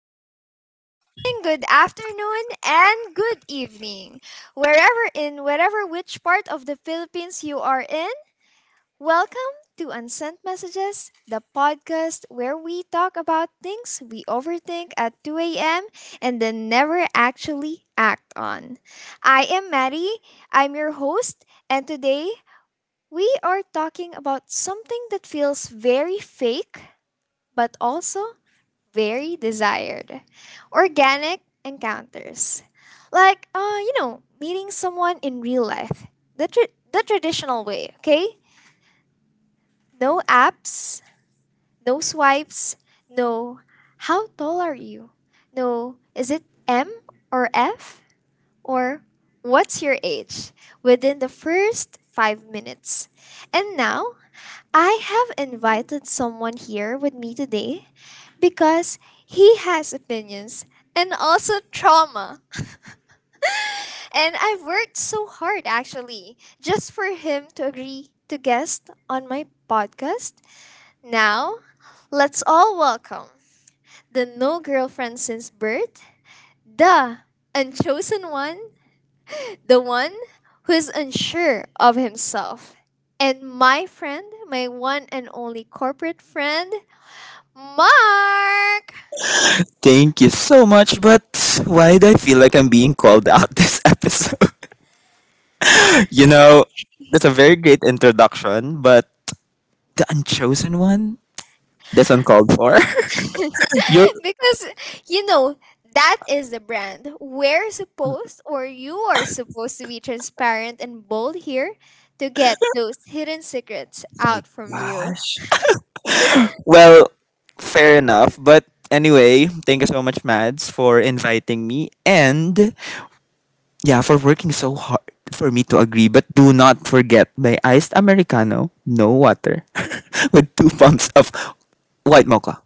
guys. Good morning, good afternoon, and good evening. Wherever which part of the Philippines you are in, welcome to Unsent Messages, the podcast where we talk about things we overthink at 2 a.m. and then never actually act on. I am Maddie, I'm your host, and today we are talking about something that feels very fake but also very desired. Organic encounters. Like, meeting someone in real life. The traditional way, okay? No apps, no swipes, no, how tall are you? No, is it M or F? Or what's your age? Within the first 5 minutes. And now, I have invited someone here with me today because he has opinions and also trauma. And I've worked so hard actually just for him to agree to guest on my podcast. Now, let's all welcome the no girlfriend since birth, the unchosen one, the one who is unsure of himself, and my friend, my one and only corporate friend, Mark. Thank you so much, but why do I feel like I'm being called out this episode? you know, that's a very great introduction, but the unchosen one? That's uncalled for. You're Because you know that is the brand we're supposed, or you are supposed to be transparent and bold here to get those hidden secrets my out from you. gosh. Well, fair enough, but anyway, thank you so much, Mads, for inviting me and yeah, for working so hard for me to agree. But do not forget my iced Americano, no water, with two pumps of white mocha.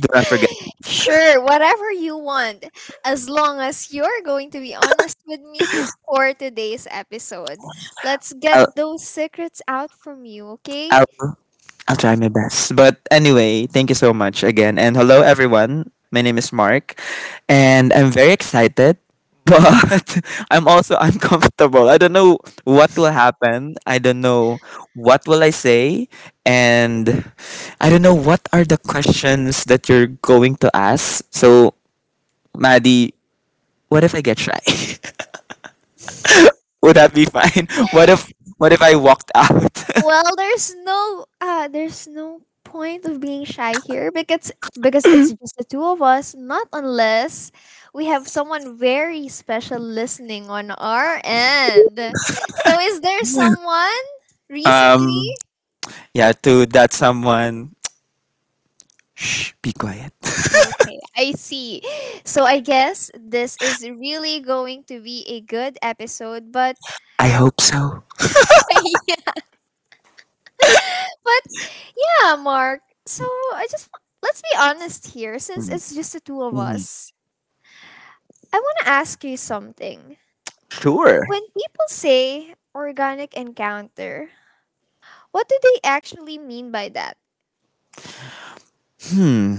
Do not forget. Sure, whatever you want, as long as you're going to be honest with me for today's episode. Let's I'll get those secrets out from you, okay? I'll I'll try my best. But anyway, thank you so much again. And hello, everyone. My name is Mark, and I'm very excited, but I'm also uncomfortable. I don't know what will happen. I don't know what will I say, and I don't know what are the questions that you're going to ask. So, Maddie, what if I get shy? Would that be fine? What if I walked out? Well, there's no point of being shy here because it's just the two of us, not unless we have someone very special listening on our end. So is there someone um, recently? yeah, to that someone. Shh, be quiet. Okay, I see. So I guess this is really going to be a good episode, but I hope so. but yeah, Mark. So let's be honest here since Mm, it's just the two of mm. us. I want to ask you something. Sure. When people say organic encounter, what do they actually mean by that? Hmm.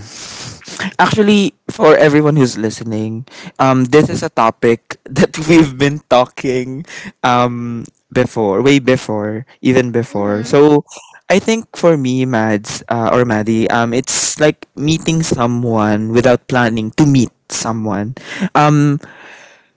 Actually, for everyone who's listening, this is a topic that we've been talking um before, way before, even before. hmm So, I think for me, Mads or Maddie, it's like meeting someone without planning to meet someone. Um,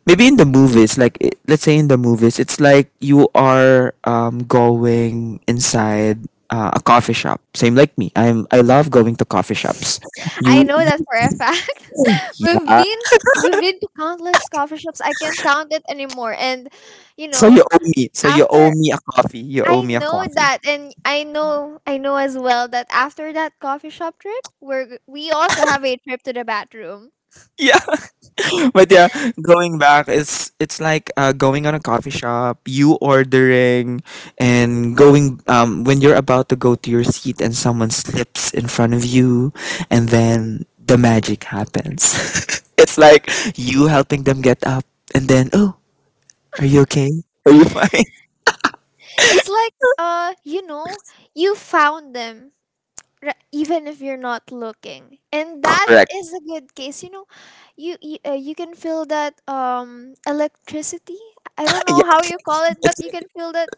Maybe in the movies like let's say in the movies it's like you are going inside a coffee shop, same like me, I love going to coffee shops. I You know that for a fact. we've yeah been we've been to countless coffee shops. I can't count it anymore. And you so you know, owe me so you owe after me a coffee, you owe I me a know coffee. that, and I know as well that after that coffee shop trip, we also have a trip to the bathroom. Yeah. But yeah, going back, it's like going on a coffee shop, you ordering and going when you're about to go to your seat and someone slips in front of you and then the magic happens. It's like you helping them get up and then, oh, are you okay? Are you fine? It's like uh, you know, you found them. Even if you're not looking, and that Correct. is a good case. You you can feel that electricity. I don't Yeah, know how you call it, it's but you like, can feel that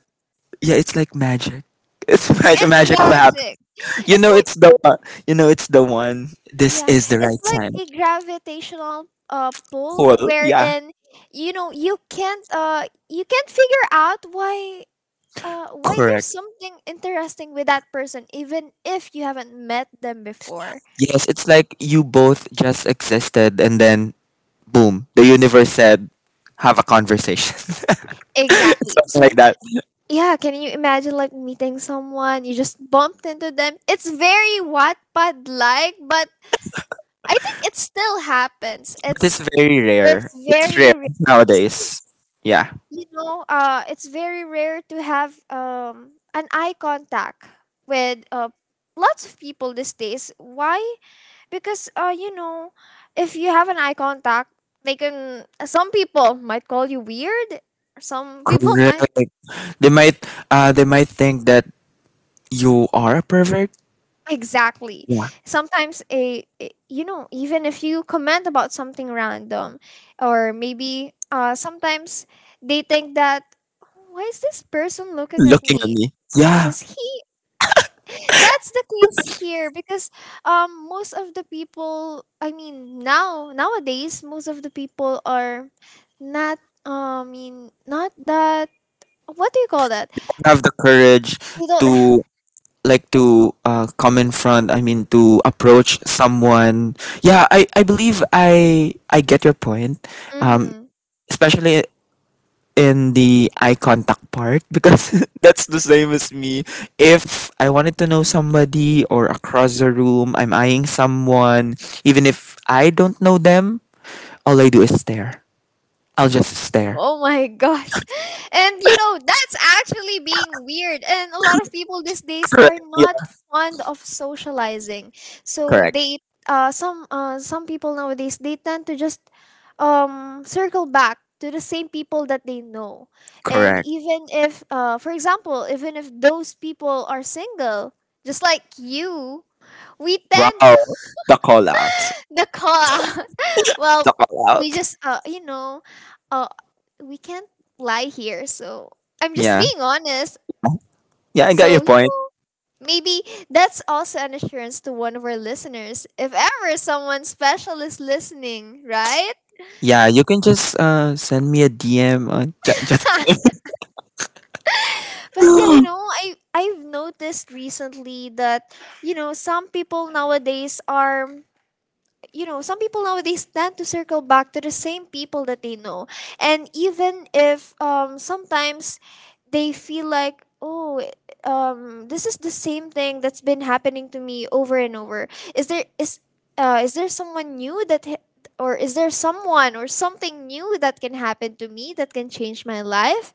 yeah, it's like magic. It's magic, it's magic will happen. magic You it's know, like it's the one. You know, it's the one. This yeah, is the it's right like time. a gravitational pull, Cool. Yeah. wherein you know you can't figure out why there's Correct. something interesting with that person, even if you haven't met them before. Yes, it's like you both just existed and then boom, the universe said, have a conversation. Exactly. Something So like that. yeah, can you imagine like meeting someone, you just bumped into them? It's very Wattpad like, but I think it still happens. But It's it's very it's rare. It's very rare realistic. nowadays. Yeah. You know, it's very rare to have an eye contact with lots of people these days. Why? Because you know, if you have an eye contact, they can, some people might call you weird. Some people might Correct. They might they might think that you are a pervert. exactly. Yeah. Sometimes you know, even if you comment about something random, or maybe sometimes, they think that, why is this person looking at Looking at me? me. Yeah. Is he that's the case here, because most of the people, I mean, nowadays most of the people are not, I mean, not that, what do you call that? Have the courage They don't. to like to come in front, I mean to approach someone. Yeah, I believe I get your point. Um Mhm. Especially in the eye contact part because that's the same as me. If I wanted to know somebody or across the room, I'm eyeing someone, even if I don't know them, all I do is stare. I'll just stare. Oh my gosh. And you know, that's actually being weird. And a lot of people these days are Correct. not Yeah, fond of socializing. So correct. they some people nowadays, they tend to just circle back to the same people that they know. And Correct. even if for example, even if those people are single, just like you, we tend Wow. The call out. the car The well, call out. we just uh we can't lie here, so I'm just Yeah. being honest. Yeah, I got your So you point. know, maybe that's also an assurance to one of our listeners if ever someone special is listening, right? Yeah, you can just send me a DM on just But yeah, you know, I've noticed recently that some people nowadays are, some people nowadays tend to circle back to the same people that they know. And even if sometimes they feel like, oh, this is the same thing that's been happening to me over and over. Is there is is there someone new that or is there someone or something new that can happen to me that can change my life?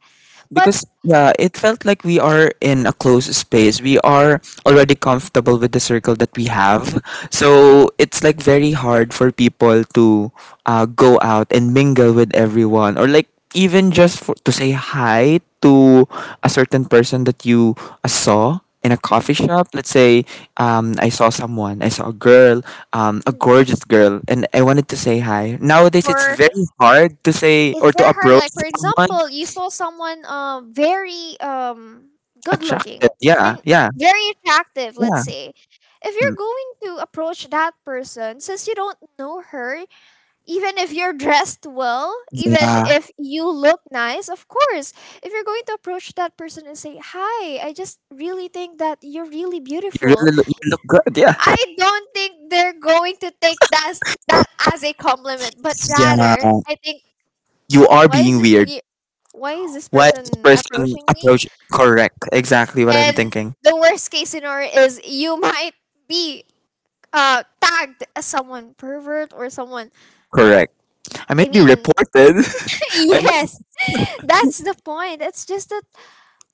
But because yeah, it felt like we are in a closed space, we are already comfortable with the circle that we have, so it's like very hard for people to go out and mingle with everyone, or like even just for, to say hi to a certain person that you saw in a coffee Mhm. shop, let's say. I saw someone, I saw a girl, a gorgeous girl, and I wanted to say hi. Nowadays it's For very hard to say it's or to very hard. approach Like for someone. example, you saw someone very good Attractive. looking Yeah, and yeah, very attractive. Let's yeah. say, if Mm. you're going to approach that person, since you don't know her, even if you're dressed well, even Yeah. if you look nice, of course, if you're going to approach that person and say, "Hi, I just really think that you're really You beautiful," really look, you look good. Yeah. I don't think they're going to take that that as a compliment, but Yeah. rather, I think, You are why is being this weird. me why is this Why is person this person approaching me? approach? Correct. Exactly what I'm And thinking. the worst case scenario is you might be tagged as someone pervert or someone. Correct. I I might be mean, reported. I yes, might. that's the point. It's just that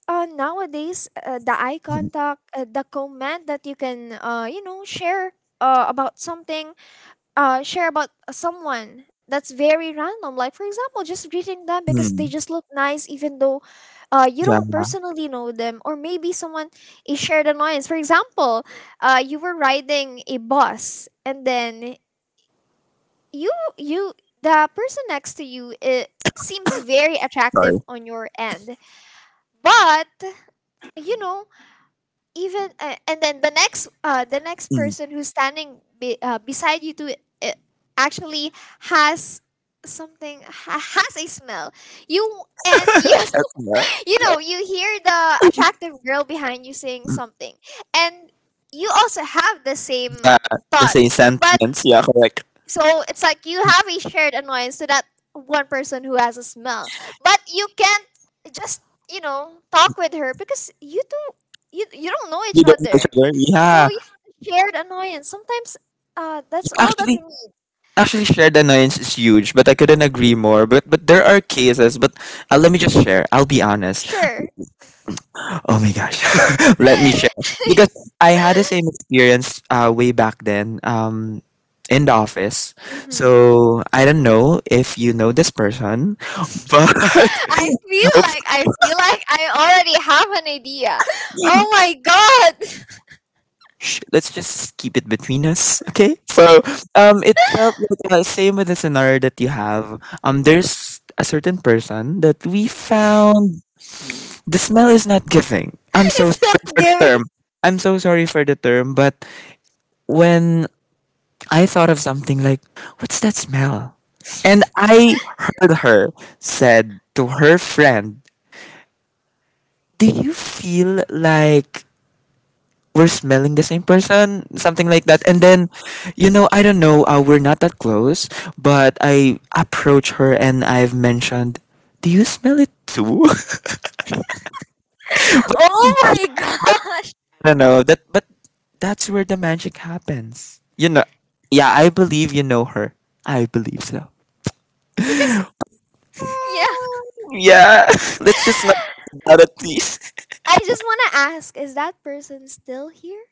nowadays, the eye Mm, contact, the comment that you can share about something, share about someone that's very random. Like, for example, just greeting them because they mm, just look nice, even though you yeah. don't personally know them. Or maybe someone, a shared annoyance. For example, you were riding a bus, and then you you the person next to you, it seems very attractive Sorry. on your end, but you know, even and then the next Mm, person who's standing beside you to uh, actually has has a smell. You and you okay, yeah. you know you hear the attractive girl behind you saying something, and you also have the same Yeah. The thought. same But sentiments. Yeah. Correct. so it's like you have a shared annoyance to that one person who has a smell, but you can't just you know talk with her, because you don't know each You don't know each other. other. Yeah. So yeah, shared annoyance. Sometimes that's all that we Actually. need. Actually, shared annoyance is huge, but I couldn't agree more. But there are cases. But let me just share. I'll be honest. Sure. Oh my gosh. Let me share. Because I had the same experience way back then, in the office. hmm So I don't know if you know this person, but oops. I feel like I already have an idea. Oh my god. Shh, let's just keep it between us. Okay. So it felt like, same with the scenario that you have. There's a certain person that we found the smell is not giving. I'm so It's not sorry for the giving. term. I'm so sorry for the term, but when I thought of something like, what's that smell? And I heard her said to her friend, do you feel like we're smelling the same person? Something like that. And then, you know, I don't know, we're not that close, but I approached her and I've mentioned, do you smell it too? Oh my Yeah, but gosh. I don't know, that, but that's where the magic happens. You know, yeah, I believe you know her. I believe so. Because yeah. Yeah, let's just not talk about it, please. I just want to ask, is that person still here?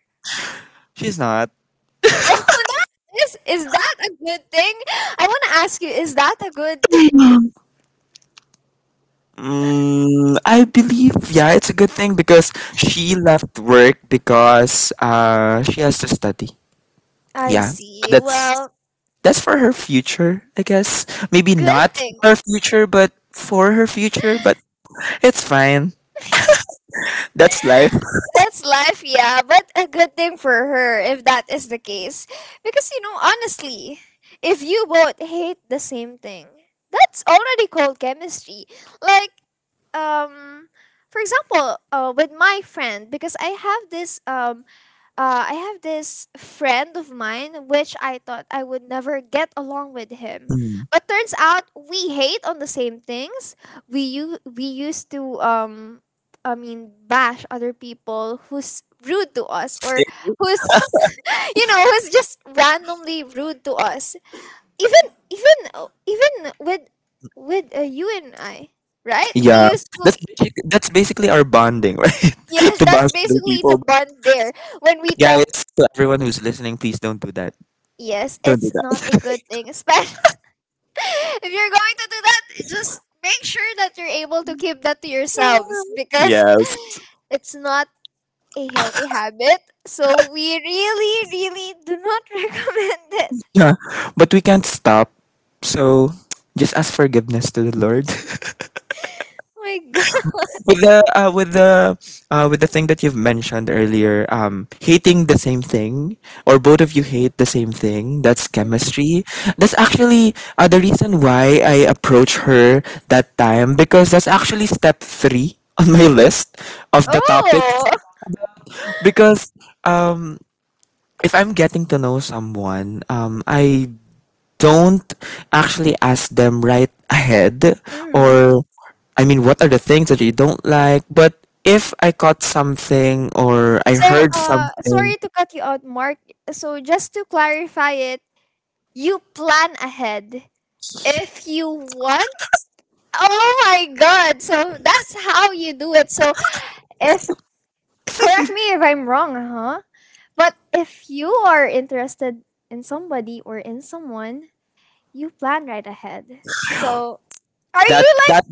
She's not. Oh, that is that a good thing? I want to ask you, is that a good thing? Mm, I believe, yeah, it's a good thing because she left work because she has to study. I Yeah, see. that's Well, that's for her future, I guess. Maybe good not for thing. her future, but for her future. But it's fine. That's life. That's life, yeah, but a good thing for her if that is the case. Because, you know, honestly, if you both hate the same thing, that's already called chemistry. Like, um, for example, with my friend, because I have this friend of mine which I thought I would never get along with him, Mm, but turns out we hate on the same things. We used to I mean, bash other people who's rude to us, or who's you know, who's just randomly rude to us. Even even even with with you and I, right? We yeah, used to that's that's basically our bonding, right? yes, To that's bond with other basically people. the But bond there when we talk. guys, to everyone who's listening, please don't do that. Yes, Don't do it's not a that. good thing. Especially if you're going to do that, just make sure that you're able to keep that to yourselves, because Yes. it's not a healthy habit. So we really, really do not recommend it. Yeah. But we can't stop. So just ask forgiveness to the Lord. Oh my god. With the with the thing that you've mentioned earlier, hating the same thing or both of you hate the same thing, that's Mhm. chemistry. That's actually the reason why I approached her that time, because that's actually step 3 on my list of the Oh. topics, because um if I'm getting to know someone, I don't actually ask them right ahead Mhm. or I mean what are the things that you don't like, but if I caught something or I So, heard something sorry to cut you out, Mark. So, just to clarify it, you plan ahead if you want. Oh my god. So, that's how you do it. So, if, correct me if I'm wrong, huh? But if you are interested in somebody or in someone, you plan right ahead. So, are that you like that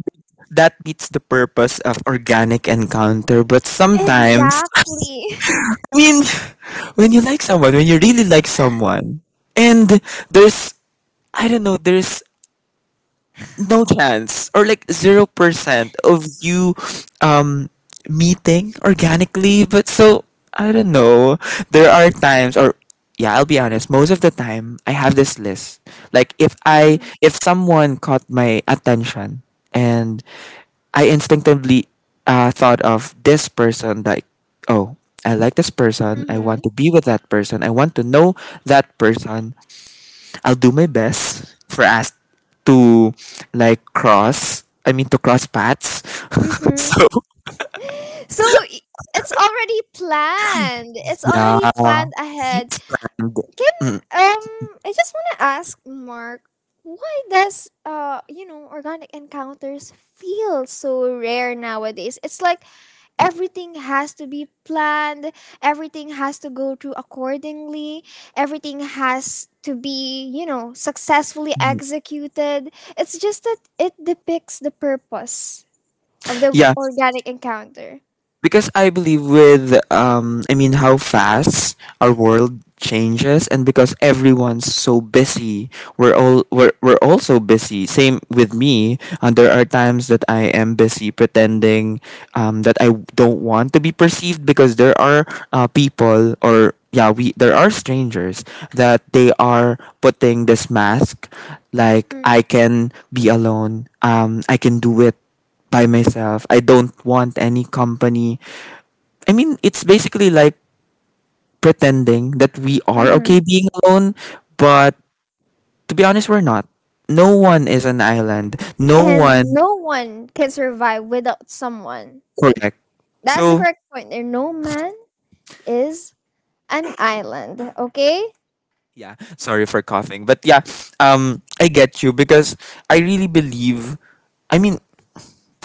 that beats the purpose of organic encounter, but sometimes, exactly? I mean, when you like someone, when you really like someone, and there's, I don't know, there's no chance or like 0% of you um meeting organically, but so I don't know, there are times, or yeah, I'll be honest, most of the time I have this list, like if I, Mhm. if someone caught my attention and I instinctively thought of this person like, oh, I like this person, I want Mhm. to be with that person, I want to know that person, I'll do my best for us to like cross. I mean to cross paths. Mhm. So So i- it's already planned. It's yeah, already planned ahead. friend. Can Mm, um I just want to ask Mark, why does you know organic encounters feel so rare nowadays? It's like everything has to be planned, everything has to go through accordingly, everything has to be, you know, successfully mm. executed. It's just that it depicts the purpose of the Yeah, organic encounter. because I believe with I mean how fast our world changes, and because everyone's so busy, we're all so busy, same with me, and there are times that I am busy pretending that I don't want to be perceived, because there are people, or yeah, we there are strangers that they are putting this mask like I can be alone, I can do it by myself. I don't want any company. I mean, it's basically like pretending that we are Mm-hmm. okay being alone, but to be honest, we're not. No one is an island. No And one, no one can survive without someone. correct. That's the So, correct point there. No man is an island, okay? yeah, sorry for coughing. But yeah, I get you because I really believe, I mean,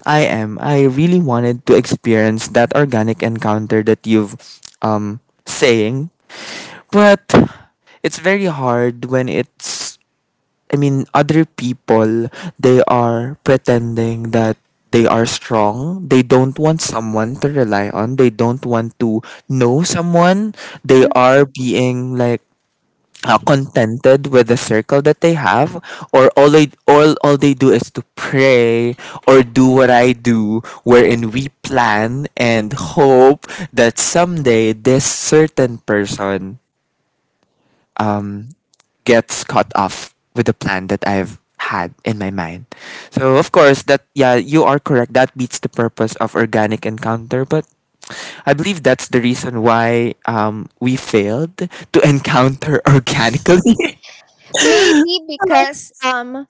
I am. I really wanted to experience that organic encounter that you've saying, but it's very hard when it's, I mean, other people, they are pretending that they are strong. They don't want someone to rely on. They don't want to know someone. They Mhm. are being like contented with the circle that they have, or all they do is to pray, or do what I do, wherein we plan and hope that someday this certain person um gets cut off with the plan that I've had in my mind. So of course that, yeah, you are correct. That beats the purpose of organic encounter, but I believe that's the reason why we failed to encounter organically. Maybe because um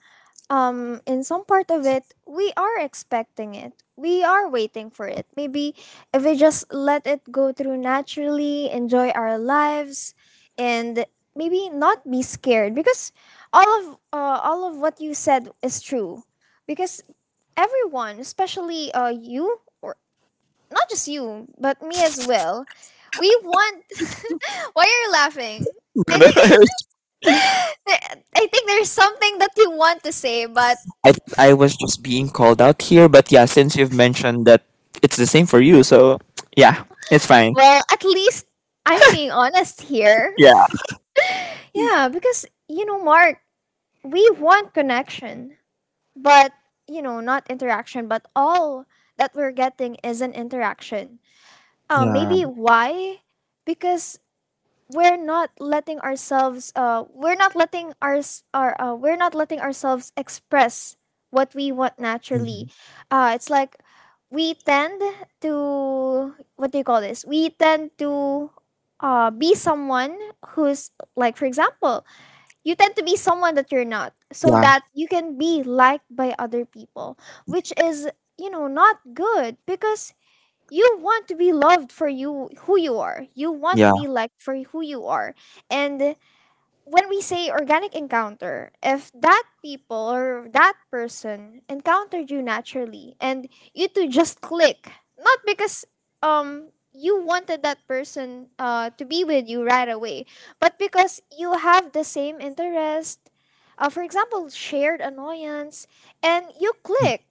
um in some part of it we are expecting it. We are waiting for it. Maybe if we just let it go through naturally, enjoy our lives, and maybe not be scared, because all of what you said is true. Because everyone, especially you, or not just you, but me as well, we want why are you laughing? I think there- I think there's something that you want to say, but I I was just being called out here, but yeah, since you've mentioned that it's the same for you, so yeah, it's fine. well, at least I'm being honest here. Yeah. Yeah, because Mark, we want connection, but not interaction, but all that we're getting is an interaction. Yeah. Maybe why? Because we're not letting our we're not letting ourselves express what we want naturally. Mhm. It's like we tend we tend to be someone who's, like, for example, you tend to be someone that you're not so Yeah. that you can be liked by other people, which is, not good because you want to be loved for you who you are, you want to Yeah. be liked for who you are. And when we say organic encounter, if that people or that person encountered you naturally and you two just click, not because you wanted that person to be with you right away, but because you have the same interest, for example, shared annoyance, and you click,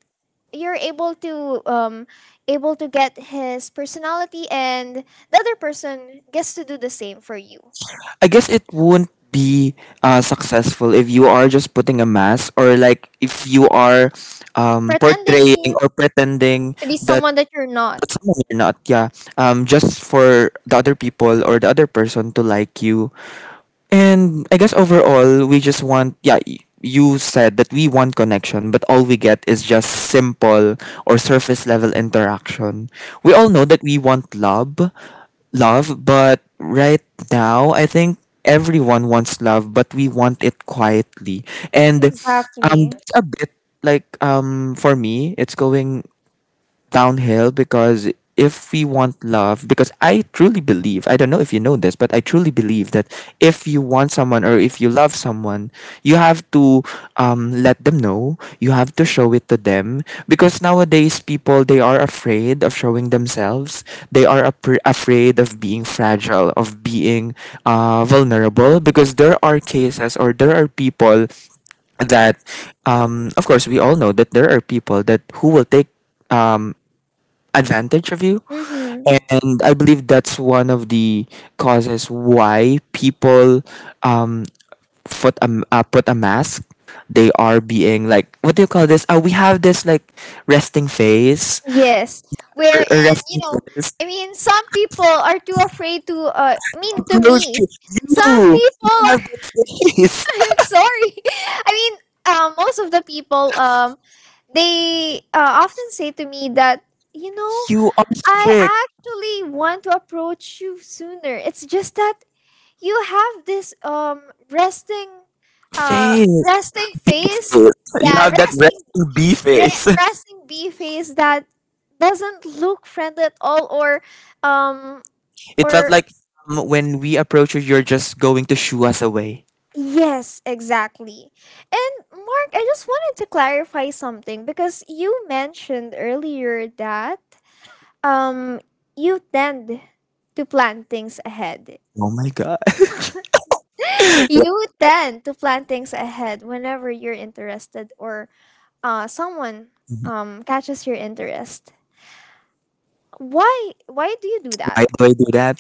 you're able to able to get his personality and the other person gets to do the same for you I guess it won't be successful if you are just putting a mask, or like if you are pretending portraying or pretending to be that someone that you're not. someone you're not. Yeah. Just for the other people or the other person to like you, and I guess overall, we just want, yeah, you said that we want connection, but all we get is just simple or surface level interaction. We all know that we want love, love, but right now, I think everyone wants love, but we want it quietly. And Exactly. that's a bit for me, it's going downhill. Because if we want love, because I truly believe, I don't know if you know this, but I truly believe that if you want someone or if you love someone, you have to let them know, you have to show it to them. Because nowadays people, they are afraid of showing themselves, they are afraid of being fragile, of being vulnerable. Because there are cases, or there are people that, of course, we all know that there are people that who will take advantage of you. Mm-hmm. And I believe that's one of the causes why people um put a put a mask. They are being like, what do you call this? We have this like resting face, Yes. or Wherein, you resting know, face. Some people are too afraid to, to Approach you. me, You some no, you people are, have that face. I'm sorry. I mean, most of the people, they often say to me that, you know, You are I strict actually want to approach you sooner. It's just that you have this resting, uh, face. resting face. You Yeah, have that resting bee face. resting bee face that doesn't look friendly at all, or um It felt or like, when we approach you, you're just going to shoo us away. yes, exactly. And Mark, I just wanted to clarify something because you mentioned earlier that um you tend to plan things ahead. Oh my god. You tend to plan things ahead whenever you're interested, or someone catches your interest. Why do you do that? Why do I do that?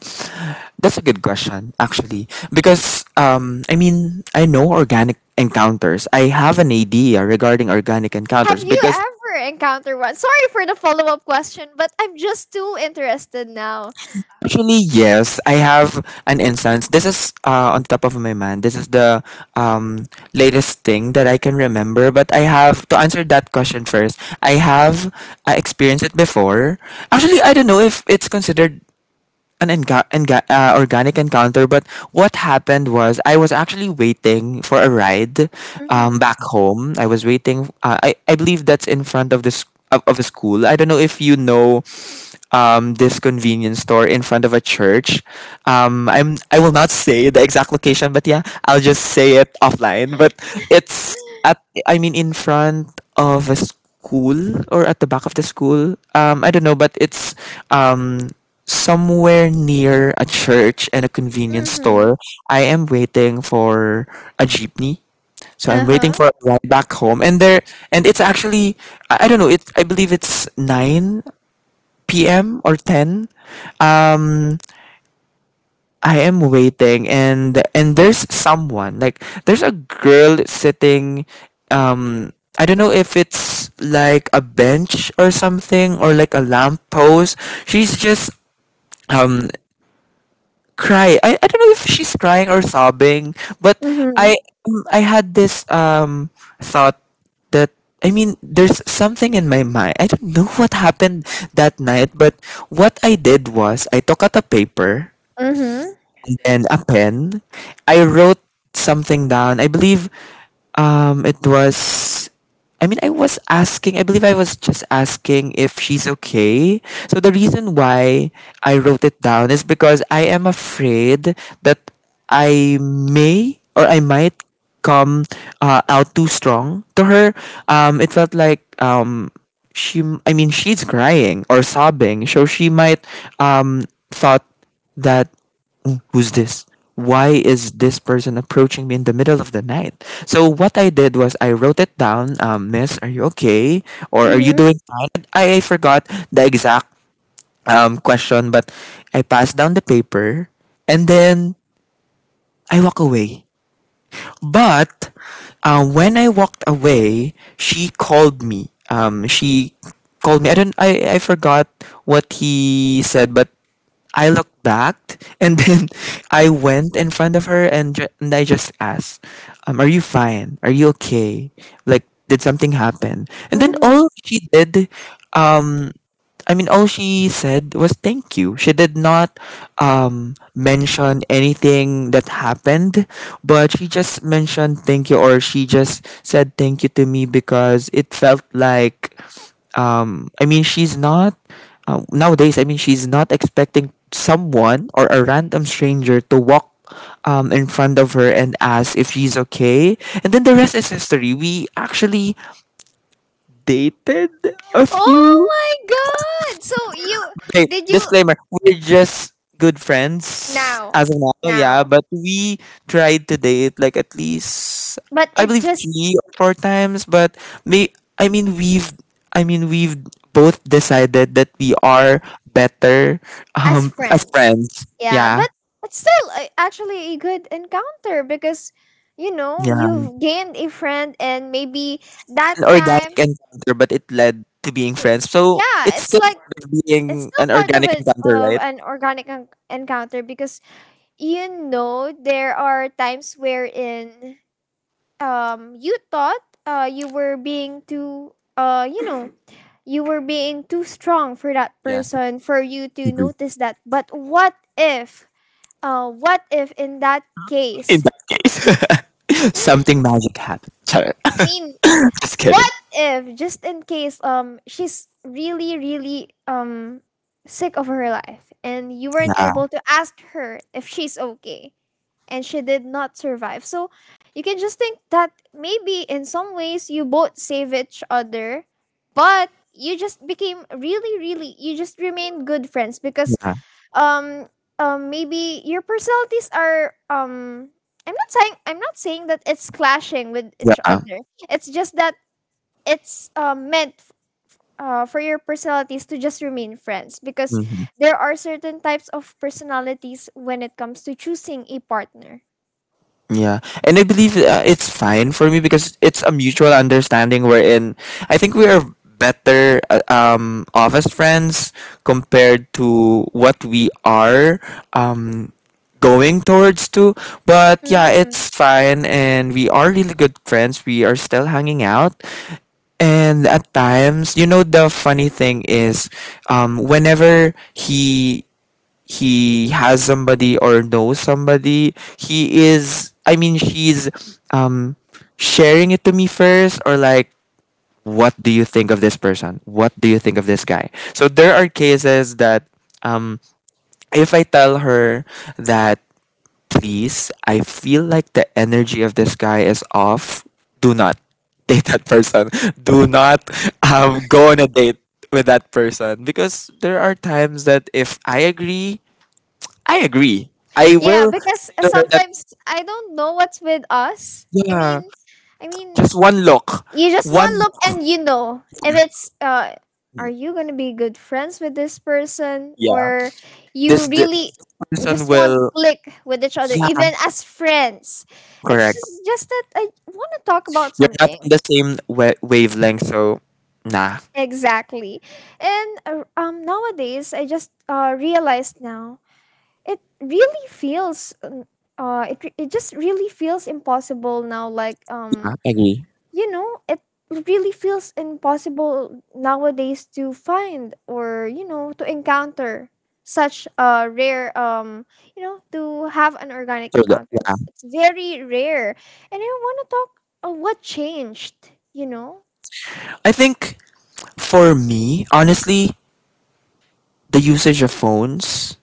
That's a good question, actually. Because, I mean, I know organic encounters. I have an idea regarding organic Have encounters you because, ever encountered one? Sorry for the follow up question, but I'm just too interested now. actually, yes, I have an instance. This is on top of my mind. This is the um, latest thing that I can remember. But I have to answer that question first. I have experienced it before. Actually, I don't know if it's considered an organic encounter, but what happened was, I was actually waiting for a ride Mm-hmm. back home. I was waiting. I believe that's in front of this of a school. I don't know if you know this convenience store in front of a church. I will not say the exact location, but yeah, I'll just say it offline. But it's at, I mean, in front of a school or at the back of the school. I don't know, but it's um, somewhere near a church and a convenience Mm-hmm. store. I am waiting for a jeepney. So I'm waiting Uh-huh. for a ride back home, and there, and it's actually, I don't know. It I believe it's 9 p.m. or 10. um, I am waiting, and there's someone like, there's a girl sitting. um I don't know if it's like a bench or something, or like a lamp post. She's just um cry. I don't know if she's crying or sobbing, but Mm-hmm. I I I had this thought that, I mean, there's something in my mind. I don't know what happened that night, but what I did was, I took out a paper mm-hmm. and a pen. I wrote something down. I believe it was, I mean, I was asking, I believe I was just asking if she's okay. So the reason why I wrote it down is because I am afraid that I may or I might come out too strong to her. It felt like, she, I mean, she's crying or sobbing. So she might um, thought that, who's this? Why is this person approaching me in the middle of the night? So what I did was, I wrote it down. Miss, are you okay? Or are you Mm-hmm. doing fine? I forgot the exact question, but I passed down the paper, and then I walk away. But when I walked away, she called me. She called me. I don't. I forgot what he said, but I looked back, and then I went in front of her and, I just asked, are you fine? Are you okay? Like, did something happen? And then Mm-hmm. all she did, um, I mean, all she said was thank you. She did not mention anything that happened, but she just mentioned thank you, or she just said thank you to me. Because it felt like, I mean, she's not, nowadays, I mean, she's not expecting someone or a random stranger to walk in front of her and ask if she's okay. And then the rest is history. We actually dated a Oh few... my god! So you Okay, did you disclaimer. We're just good friends now. as of now, yeah. Now. But we tried to date, like, at least, But I it believe, just three or four times. But may I mean we've I mean we've both decided that we are better as as friends. friends. Yeah, Yeah. but it's still actually a good encounter because you know Yeah. you've gained a friend and maybe that An organic time encounter, but it led to being to friends. So yeah, it's it's still like it's being still an part of organic it encounter, of right? an organic encounter because you know there are times wherein you thought you were being too you know you were being too strong for that Yeah. person for you to Agree. notice that, but what if in that In case that case. Something magic happened. Sorry. I mean, I'm just kidding. what if just in case she's really, really sick of her life and you weren't Yeah, able to ask her if she's okay and she did not survive? So you can just think that maybe in some ways you both save each other, but you just became really, really you just remain good friends because yeah, um maybe your personalities are I'm not saying that it's clashing with each yeah. other. It's just that it's meant for your personalities to just remain friends because Hmm. there are certain types of personalities when it comes to choosing a partner. Yeah, and I believe, it's fine for me, because it's a mutual understanding wherein I think we are better off as friends compared to what we are um going towards to. But yeah, Mhm. it's fine, and we are really good friends. We are still hanging out, and at times, you know, the funny thing is, whenever he has somebody or knows somebody, he is I mean she's um sharing it to me first, or like, what do you think of this person? What do you think of this guy? So there are cases that, um if I tell her that, please, I feel like the energy of this guy is off, do not date that person. Do not go on a date with that person, because there are times that, if I agree... I agree. I Yeah, will. because No, no, that, sometimes I don't know what's with us. I yeah, mean, I mean, just one look, you just one. one look and you know if it's are you gonna be good friends with this person Yeah, or you this really person just want will. click with each other, Yeah, even as friends. It's correct. Just that I want to talk about You're not on something the same wavelength, so nah. exactly, and nowadays I just realized now it really feels it just really feels impossible now, like Yeah, I agree. you know it really feels impossible nowadays to find, or you know to encounter such a rare you know, to have an organic So yeah, encounter. yeah, It's very rare and I want to talk of what changed, you know. I think, for me, honestly, the usage of phones,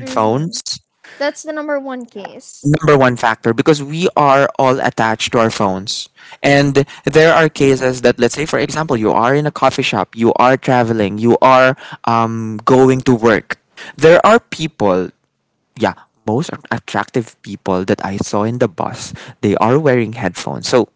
Mm-hmm. That's the number one case. number one factor, because we are all attached to our phones. And there are cases that, let's say, for example, you are in a coffee shop, you are traveling, you are going to work. There are people, yeah, most attractive people that I saw in the bus, they are wearing headphones. So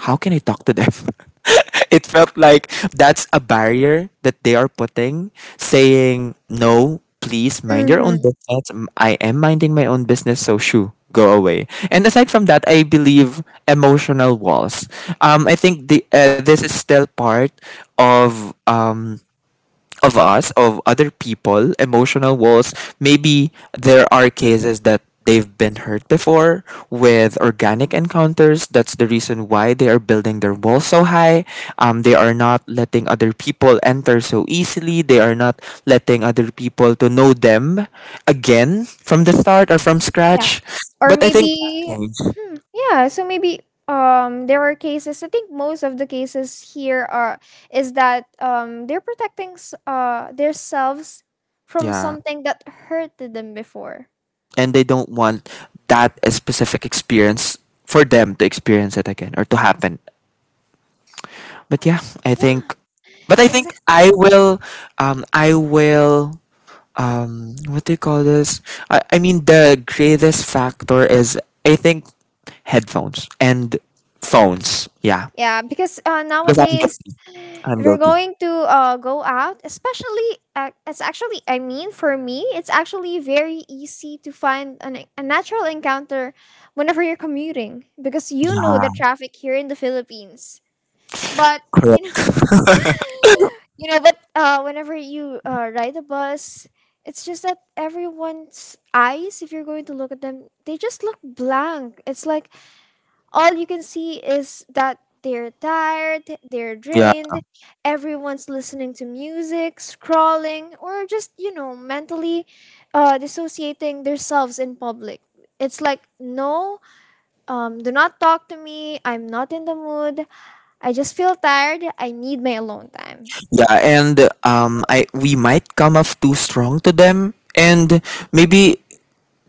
how can I talk to them? It felt like that's a barrier that they are putting, saying, no, please mind your own Mm-hmm. business. I am minding my own business, so shoo, go away. And aside from that, I believe, emotional walls. I think this is still part of. Of us, of other people, emotional walls. Maybe there are cases that they've been hurt before with organic encounters. That's the reason why they are building their walls so high. They are not letting other people enter so easily. They are not letting other people to know them again from the start or from Yeah. scratch. Or But I maybe think... mhm. Yeah, so maybe there are cases, I think most of the cases here are is that they're protecting themselves from Yeah, something that hurted them before. and they don't want that specific experience for them to experience it again or to happen. But yeah, Yeah, I think exactly. I will, what do you call this? I mean, the greatest factor is, I think, headphones and phones. Yeah, Yeah, because because I'm nowadays guilty. I'm if you're guilty. going to go out, especially, it's actually, I mean, for me, it's actually very easy to find a natural encounter whenever you're commuting because you know the traffic here in the Philippines. But, you know, Correct. you know, but whenever you ride a bus, it's just that everyone's eyes, if you're going to look at them, they just look blank. It's like all you can see is that they're tired, they're Yeah, drained, everyone's listening to music, scrolling, or just, you know, mentally dissociating themselves in public. It's like, no, do not talk to me. I'm not in the mood. I just feel tired. I need my alone time. yeah, and I we might come off too strong to them. And maybe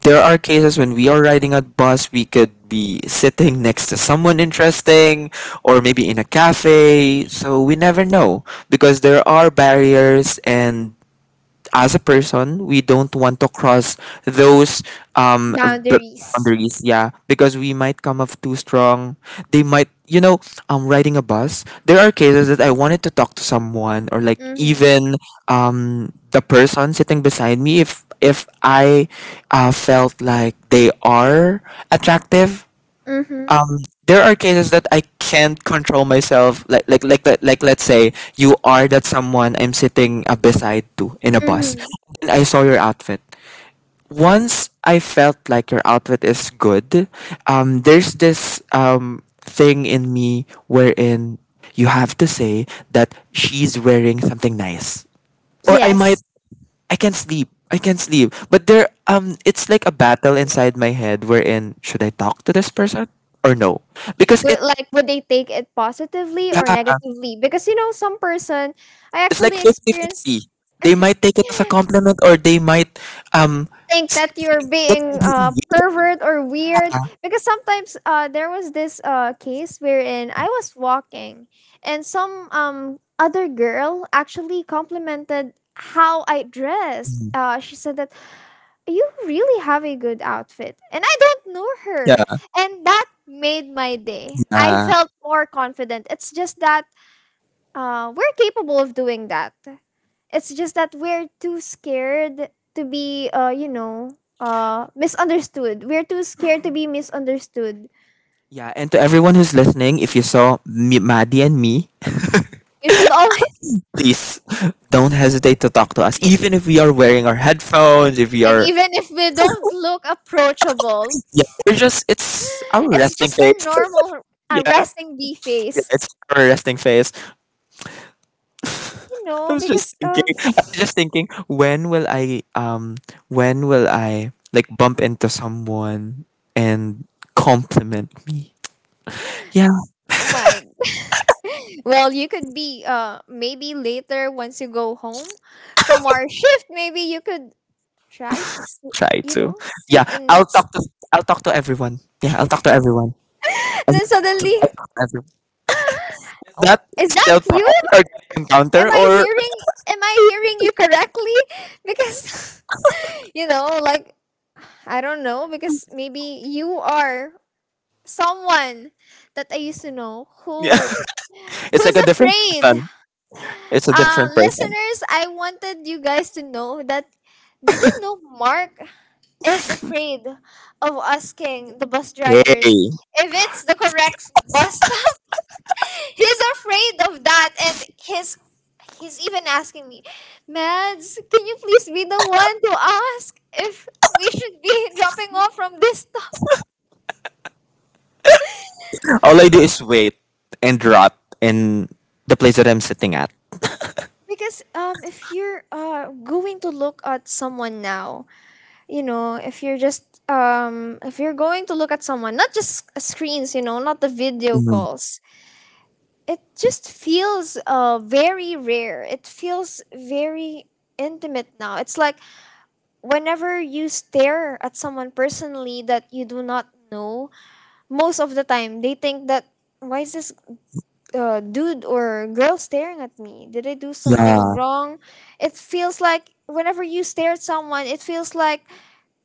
there are cases when we are riding a bus, we could be sitting next to someone interesting, or maybe in a cafe. So we never know, because there are barriers, and as a person, we don't want to cross those um b- Boundaries. boundaries. Yeah, because we might come off too strong. They might, you know, riding a bus. There are cases that I wanted to talk to someone, or like, Mm-hmm. even the person sitting beside me, if I felt like they are attractive. Mm-hmm. um, there are cases that I can't control myself. Like, let's say you are that someone I'm sitting beside to in a bus, Mm-hmm. and I saw your outfit. Once I felt like your outfit is good, there's this thing in me wherein you have to say that she's wearing something nice, or I might... Yes. I can't sleep. I can't sleep. But there, it's like a battle inside my head wherein, should I talk to this person or no? Because Would, it... like, would they take it positively or Yeah, negatively? Because, you know, some person I it's like actually experienced fifty-fifty. They might take it as a compliment, or they might um think s- that you're get being confused. pervert or weird Yeah. because sometimes there was this case wherein I was walking and some other girl actually complimented how I dressed. Mhm. She said that you really have a good outfit and I don't know her, Yeah. and that made my day. I Uh, felt more confident. It's just that we're capable of doing that. It's just that we're too scared to be, you know, misunderstood. We're too scared to be misunderstood. Yeah, and to everyone who's listening, if you saw me, Maddie and me, You should always, please don't hesitate to talk to us. Even if we are wearing our headphones, if we and are... even if we don't look approachable, Yeah, we're just it's our it's resting just our face. normal Yeah, yeah, resting B face, it's our resting face. you I know, was just because, thinking. I was just thinking, when will I, like, bump into someone and compliment me? Yeah, oh my. Well, you could be maybe later once you go home from our shift. Maybe you could try to sit, try you to. know, Yeah, sit and next, I'll talk to everyone. Yeah, I'll talk to everyone. As and then much as suddenly, possible, I'll talk to everyone. oh, That is is that still proud you? or am encounter i or, hearing am I hearing you correctly? Because you know, like, I don't know, because maybe you are someone that I used to know yeah, who it's like is a different afraid. person. It's a different person. Listeners, I wanted you guys to know that did you know Mark is afraid of asking the bus drivers Hey, if it's the correct bus stop? He's afraid of that, and he's even asking me, Mads, can you please be the one to ask if we should be dropping off from this stop? all I do is wait and rot in the place that I'm sitting at. Because if you're going to look at someone now, you know if you're just if you're going to look at someone, not just screens, you know, not the video Mhm. calls, it just feels very rare. It feels very intimate now. It's like whenever you stare at someone personally that you do not know, most of the time they think that why is this dude or girl staring at me? Did I do something Yeah, wrong? It feels like whenever you stare at someone, it feels like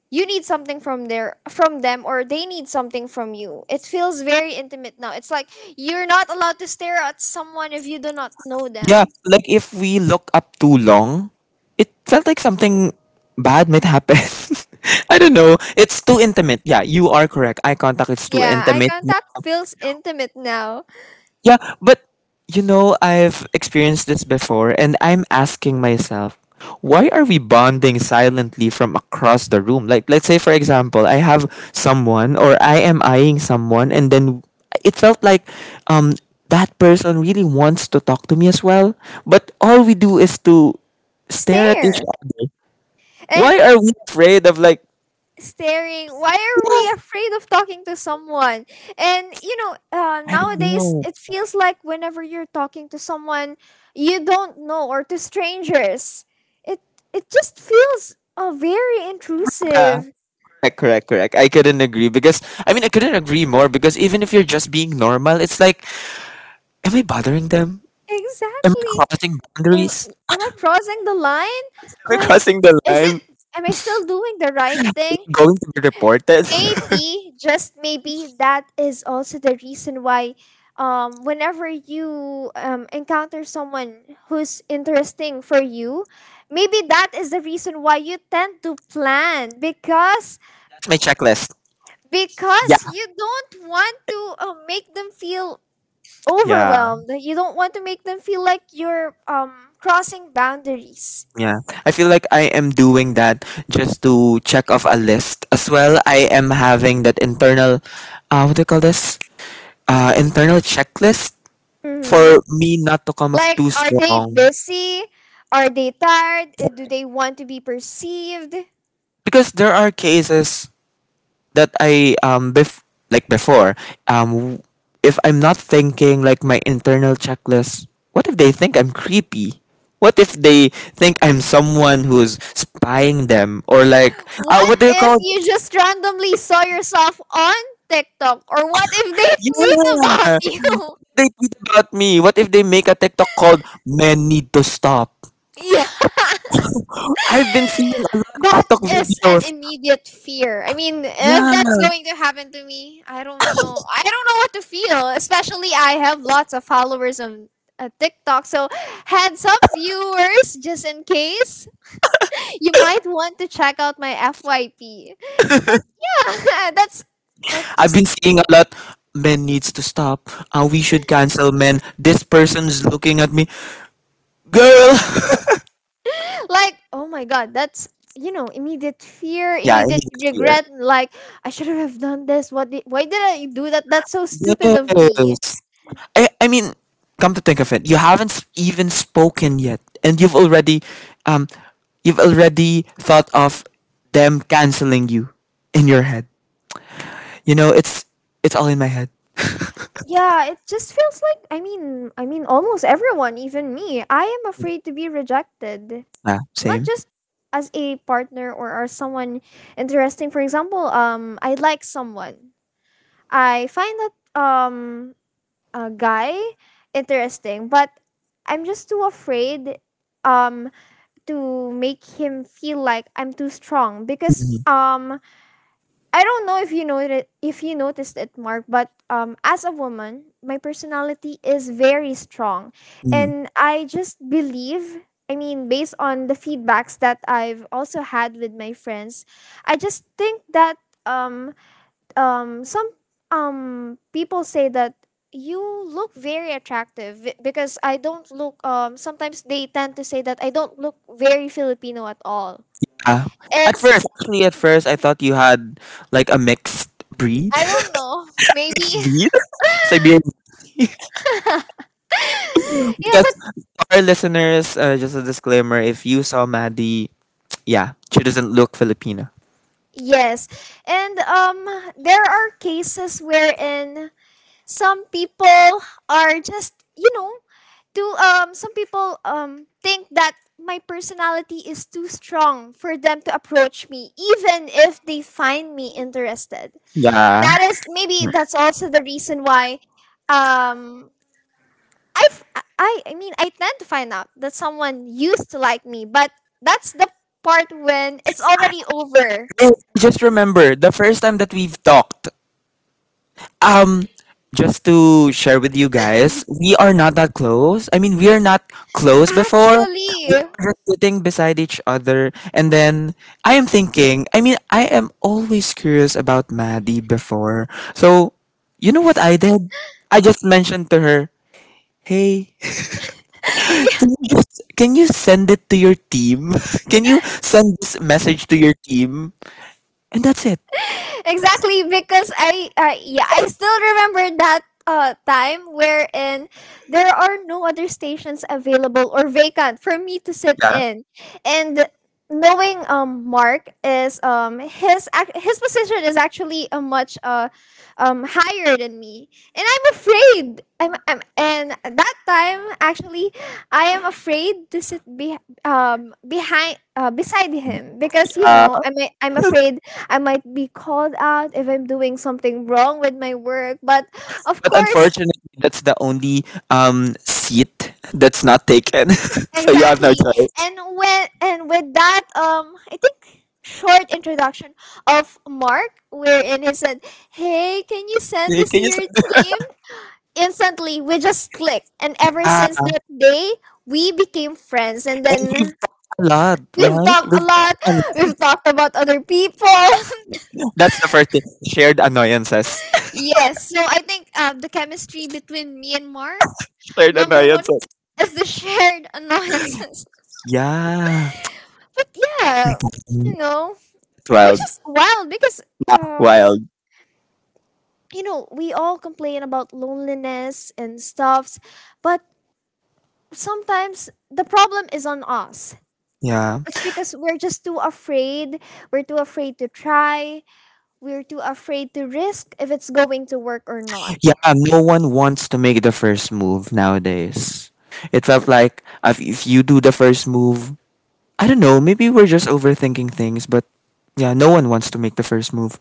you need something from their from them, or they need something from you. It feels very intimate now. It's like you're not allowed to stare at someone if you do not know yeah, them. like if we look up too long, it felt like something bad might happen. I don't know. It's too intimate. Yeah, you are correct. Eye contact is too Yeah, eye intimate. contact feels intimate now. Yeah, but you know, I've experienced this before, and I'm asking myself, why are we bonding silently from across the room? Like, let's say, for example, I have someone or I am eyeing someone, and then it felt like um, that person really wants to talk to me as well. But all we do is to stare at each Stare. other. Why And are we afraid of, like, staring, why are we afraid of talking to someone? And you know I don't nowadays know? it feels like whenever you're talking to someone you don't know, or to strangers, it it just feels very Yeah. intrusive, Correct, correct, correct. I mean, I couldn't agree more because even if you're just being normal, it's like, am I bothering them? Am I exactly. crossing am, boundaries? am I crossing the line? Am I Like, crossing the is it line? am I still doing the right thing? Going to be reported? That's Maybe, just maybe, that is also the reason why whenever you encounter someone who's interesting for you, maybe that is the reason why you tend to plan my checklist. Yeah, because you don't want to make them feel yeah, overwhelmed, you don't want to make them feel like you're crossing boundaries. yeah. I feel like I am doing that just to check off a list as well. I am having that internal, what do you call this? Internal checklist Mm-hmm. for me not to come off Like, too are they strong busy? Are they tired? Do they want to be perceived because there are cases that I bef- like before um if I'm not thinking like my internal checklist, what if they think I'm creepy? What if they think I'm someone who's spying them or like what what do you if call you it? just randomly saw yourself on TikTok? Or what if they tweet about Yeah, you? they tweet about me. What if they make a TikTok called "Men Need to Stop"? Yeah. I've been seeing a lot That of is an videos. immediate fear. I mean, if that's Yeah, going to happen to me, I don't know. I don't know what to feel. Especially, I have lots of followers on TikTok. So, heads up, viewers, just in case you might want to check out my FYP. But yeah, that's that I've just been seeing a lot. Men needs to stop. We should cancel men. This person's looking at me, girl. like, oh my god, that's you know, immediate fear, Yeah, I immediate mean clear. regret, like I should have done this. What did, why did I do that? That's so stupid of me. Yes. I mean, come to think of it, you haven't even spoken yet, and um, you've already thought of them canceling you in your head. You know, it's all in my head. Yeah, it just feels like I mean almost everyone, even me, I am afraid to be rejected. Ah, Not same. just as a partner or as someone interesting. For example, I like someone. I find that a guy interesting, but I'm just too afraid um to make him feel like I'm too strong because Mhm, I don't know if you know it if you noticed it Mark but as a woman my personality is very strong mhm. and I just believe I mean based on the feedbacks that I've also had with my friends I just think that um some people say that you look very attractive because I don't look sometimes they tend to say that I don't look very Filipino at all. Ah, at It's first, actually, at first, I thought you had like a mixed breed. I don't know. Maybe Mixed breed? Siberian. Yeah, Because but for our listeners, just a disclaimer: if you saw Maddie, yeah, she doesn't look Filipina. yes. And there are cases wherein some people are just you know do some people think that my personality is too strong for them to approach me even if they find me interested, Yeah, that is maybe that's also the reason why um i I tend to find out that someone used to like me but that's the part when it's already over. I just remember the first time that we've talked. Um, just to share with you guys, we are not that close. I mean, we are not close before. We Actually, are just sitting beside each other, and then I am thinking. I mean, I am always curious about Maddie before. So, you know what I did? I just mentioned to her, "Hey, can you, can you send it to your team? Can you send this message to your team?" And that's it. exactly, because I yeah I still remember that time wherein there are no other stations available or vacant for me to sit Yeah. in, and knowing Mark is his his position is actually a much higher than me, and I'm afraid I'm and that time actually I am afraid to sit behind beside him because you know I'm afraid I might be called out if I'm doing something wrong with my work. But of But course, unfortunately, that's the only seat that's not taken. So you have no exactly. choice. And when and with that, I think short introduction of Mark, wherein he said, "Hey, can you send You this can to just your team?" Instantly, we just clicked, and ever since ah, that day, we became friends. And then a lot, we've right? talked a lot. A lot. We've talked about other people. That's the first thing. Shared annoyances. Yes. So I think the chemistry between me and Mark, Shared number one annoyances. is the shared annoyances. Yeah. But yeah, you know, which 12. is wild because um, Wild. you know, we all complain about loneliness and stuffs, but sometimes the problem is on us. Yeah. It's because we're just too afraid. We're too afraid to try. We're too afraid to risk if it's going to work or not. Yeah. No one wants to make the first move nowadays. It's of like if you do the first move, I don't know. Maybe we're just overthinking things, but yeah, no one wants to make the first move.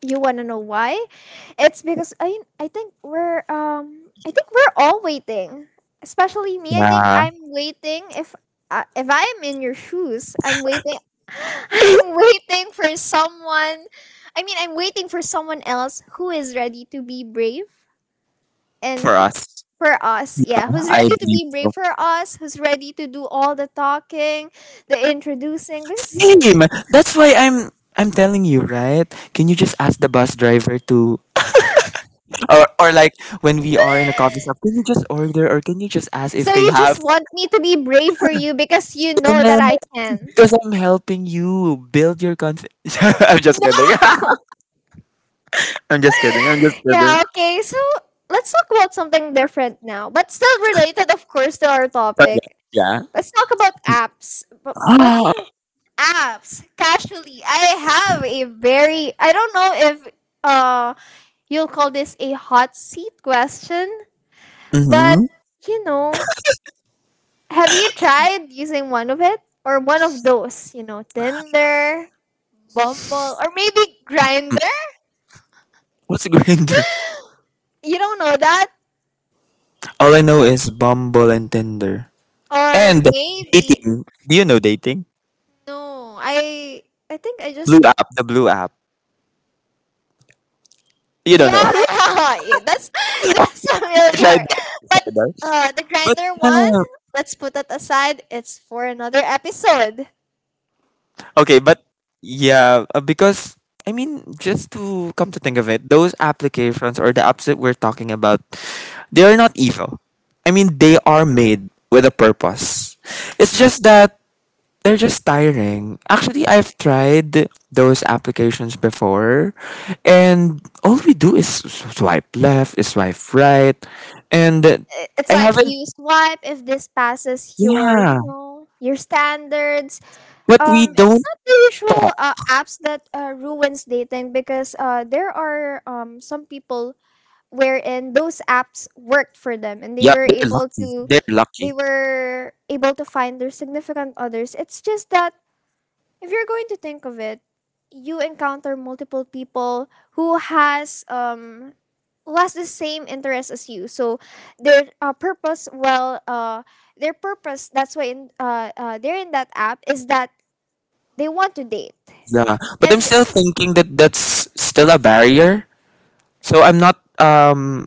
You wanna know why? It's because I think we're I think we're all waiting. Especially me. I think Yeah, I'm waiting if I'm in your shoes, I'm waiting I'm waiting for someone. I mean, I'm waiting for someone else who is ready to be brave and for who- us. for us. Yeah, who's I ready to believe be brave so. for us, who's ready to do all the talking, the introducing. Because, Same. That's why I'm telling you, right? Can you just ask the bus driver to or like when we are in a coffee shop, can you just order or can you just ask so if they you just have want me to be brave for you because you know that I because can. I'm helping you build your confidence. I'm just kidding. No. I'm just kidding. I'm just kidding. Yeah, okay. So let's talk about something different now, but still related, of course, to our But topic. yeah. Let's talk about apps. But you Yeah. know, apps, casually, I have a very, I don't know if uh, you'll call this a hot seat question, but Mm-hmm. you know, have you tried using one of it or one of those? You know, Tinder, Bumble, or maybe Grinder? What's Grinder? You don't know that? All I know is Bumble and Tinder. Or And maybe dating. Do you know dating? no, I think I just Blue app, the blue app. You don't know. yeah, I yeah, yeah that's that's tried familiar. But that. The But grinder one, no. let's put that aside. It's for another episode. I- Okay, but yeah, because I mean, just to come to think of it, those applications or the apps that we're talking about, they are not evil. I mean, they are made with a purpose. It's just that they're just tiring. Actually, I've tried those applications before, and all we do is swipe left, swipe right, and It's I like haven't. you swipe if this passes your, you Yeah, know, your standards. but we It's don't not the usual talk. Apps that ruins dating because there are some people wherein those apps worked for them and they Yeah, were they're able lucky. to They're they lucky. were able to find their significant others, it's just that if you're going to think of it you encounter multiple people who has um who has the same interest as you, so their purpose well their purpose, that's why in they're in that app is that they want to date. Yeah, but I'm And still thinking that that's still a barrier. So I'm not.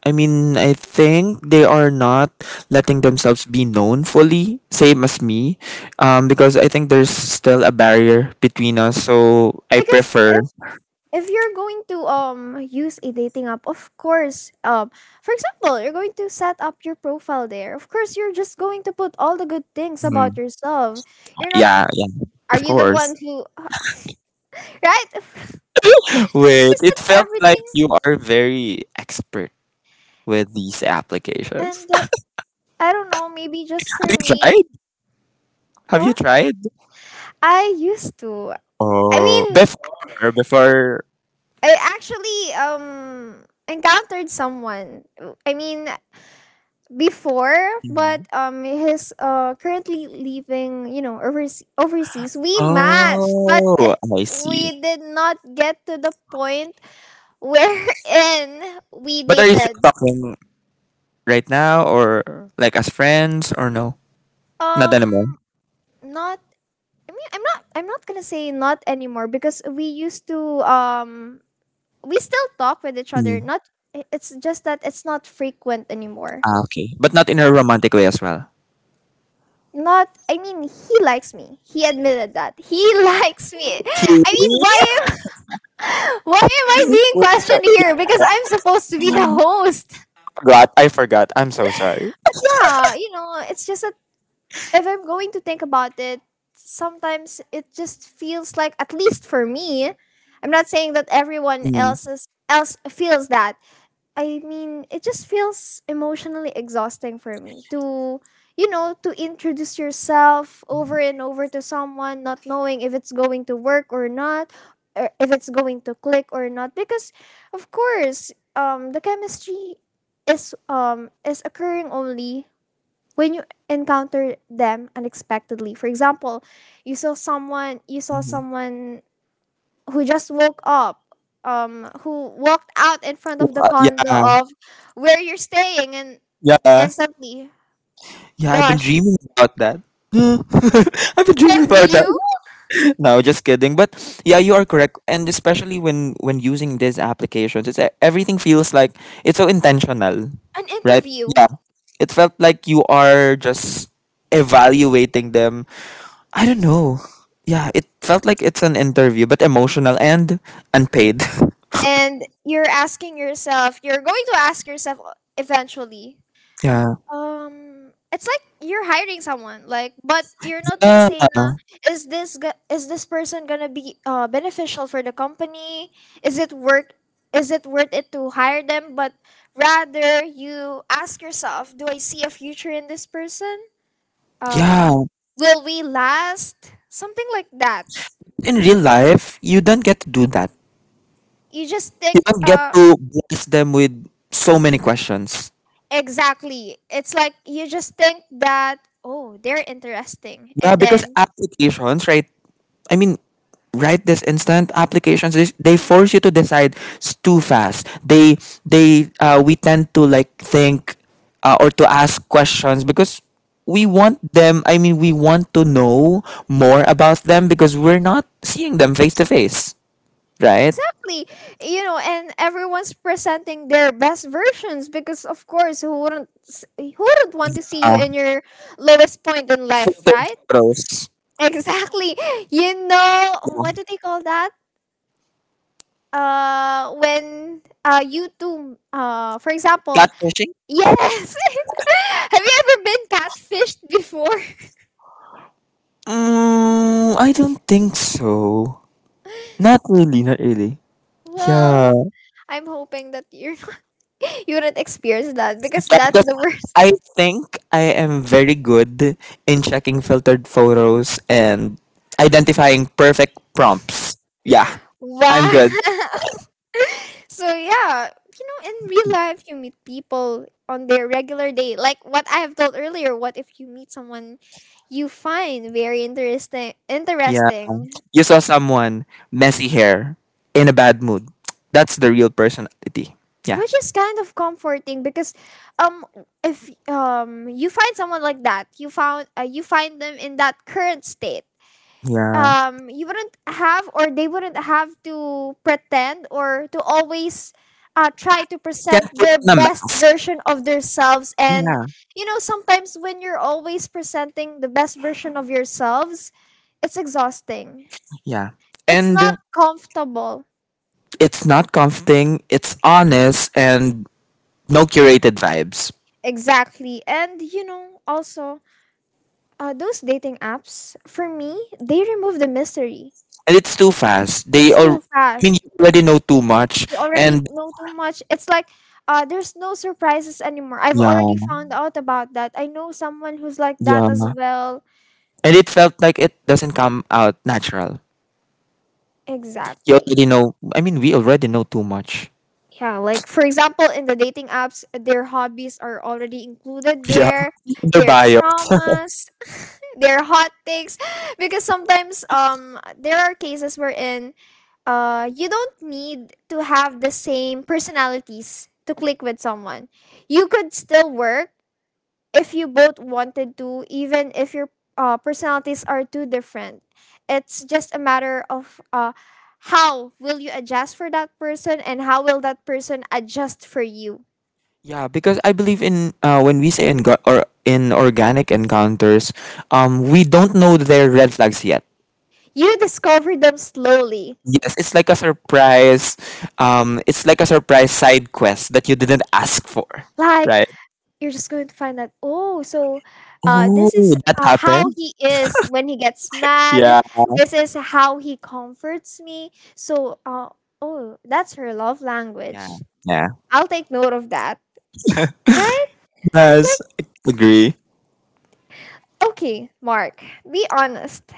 I mean, I think they are not letting themselves be known fully, same as me, because I think there's still a barrier between us. So I because prefer. If you're going to use a dating app, of course, for example, you're going to set up your profile there. Of course, you're just going to put all the good things about Mhm. yourself. You're not, Yeah, yeah, are of you the one course. who right? It's Wait, just it that felt like everything you are very expert with these applications. and I don't know, maybe just Have for you me. tried? Have you What? tried? I used to. I Oh, mean, before, before. I actually encountered someone. I mean, before, but Mm-hmm. He's currently living, you know, overseas. Overseas, we matched, but it Oh, I see. we did not get to the point wherein we But are you still dated. talking right now or like as friends or no? Not anymore. Um, not. I mean, I'm not. I'm not gonna say not anymore because we used to. We still talk with each other. Mm. Not. It's just that it's not frequent anymore. Ah, okay. But not in a romantic way as well. Not. I mean, he likes me. He admitted that he likes me. Kidding? I mean, why am I being I questioned here? Because I'm supposed to be the host. I forgot. I'm so sorry. But yeah, you know, it's just that if I'm going to think about it, sometimes it just feels like, at least for me, I'm not saying that everyone Mm. else's else feels that, I mean, it just feels emotionally exhausting for me to, you know, to introduce yourself over and over to someone, not knowing if it's going to work or not, or if it's going to click or not. Because, of course, the chemistry is occurring only when you encounter them unexpectedly. For example, you saw Mhm. someone who just woke up who walked out in front of the condo Yeah. of where you're staying and Yeah. instantly Yeah, I've been gosh dreaming about that. Huh? I've been dreaming have about that. you No, just kidding. But yeah, you are correct. And especially when using these applications, it's everything feels like it's so intentional, an right? interview Yeah. It felt like you are just evaluating them. I don't know. Yeah, it felt like it's an interview, but emotional and unpaid. and you're going to ask yourself eventually. Yeah. It's like you're hiring someone, like, but you're not gonna Yeah. say, "Na, is this person gonna be beneficial for the company? Is it worth is it worth it to hire them?" But rather, you ask yourself, "Do I see a future in this person? Um, Yeah. will we last?" Something like that. In real life, you don't get to do that. You just You think, don't get to blast them with so many questions. exactly. It's like you just think that, "Oh, they're interesting," Yeah, and because then applications right I mean, right this instant applications they force you to decide too fast. They we tend to like think or to ask questions because we want them. I mean, we want to know more about them because we're not seeing them face to face, right? exactly. You know, and everyone's presenting their best versions because of course who wouldn't want to see you Uh, in your lowest point in life, filtered right? photos. Exactly. You know, Yeah. what do they call that? When you two for example, Catfishing. yes. Have you ever been catfished before? Mm, I don't think so. Not really, not really. Yeah. Well, I'm hoping that you're you wouldn't experience that because Yeah, that's because the worst. I think I am very good in checking filtered photos and identifying perfect prompts. Yeah, I'm Wow. good. So yeah, you know, in real life you meet people on their regular day. Like what I have told earlier, what if you meet someone you find very Yeah. interesting, You saw someone messy hair in a bad mood. That's the real personality. Yeah. which is kind of comforting because um if you find someone like that, you found you find them in that current state, Yeah. You wouldn't have or they wouldn't have to pretend or to always try to Can present put their on a best mask. version of themselves, and Yeah. you know sometimes when you're always presenting the best version of yourselves it's exhausting, Yeah. it's And not comfortable. it's not comforting, it's honest and no curated vibes. Exactly, and you know also those dating apps for me they remove the mystery, And it's too fast. They it's all too I mean, fast, you already know too much you already and know too much. It's like there's no surprises anymore. I've yeah. already found out about that. I know someone who's like Yeah. that as well. And it felt like it doesn't come out natural. You Exactly. already know, I mean, we already know too much. Yeah, like for example, in the dating apps, their hobbies are already included Yeah. there, Their their bio. traumas, their hot takes. Because sometimes there are cases wherein you don't need to have the same personalities to click with someone. You could still work if you both wanted to, even if your personalities are too different. It's just a matter of how will you adjust for that person and how will that person adjust for you. Yeah, because I believe in when we say in or in organic encounters, we don't know their red flags yet. You discover them slowly. Yes, it's like a surprise. It's like a surprise side quest that you didn't ask for, Like, right? you're just going to find out, oh, so Oh, this is that how happened. he is when he gets mad. Yeah, This is how he comforts me. So, oh, that's her love yeah, language. yeah. I'll take note of that. Right? Yes, I agree. Okay, Mark, be honest.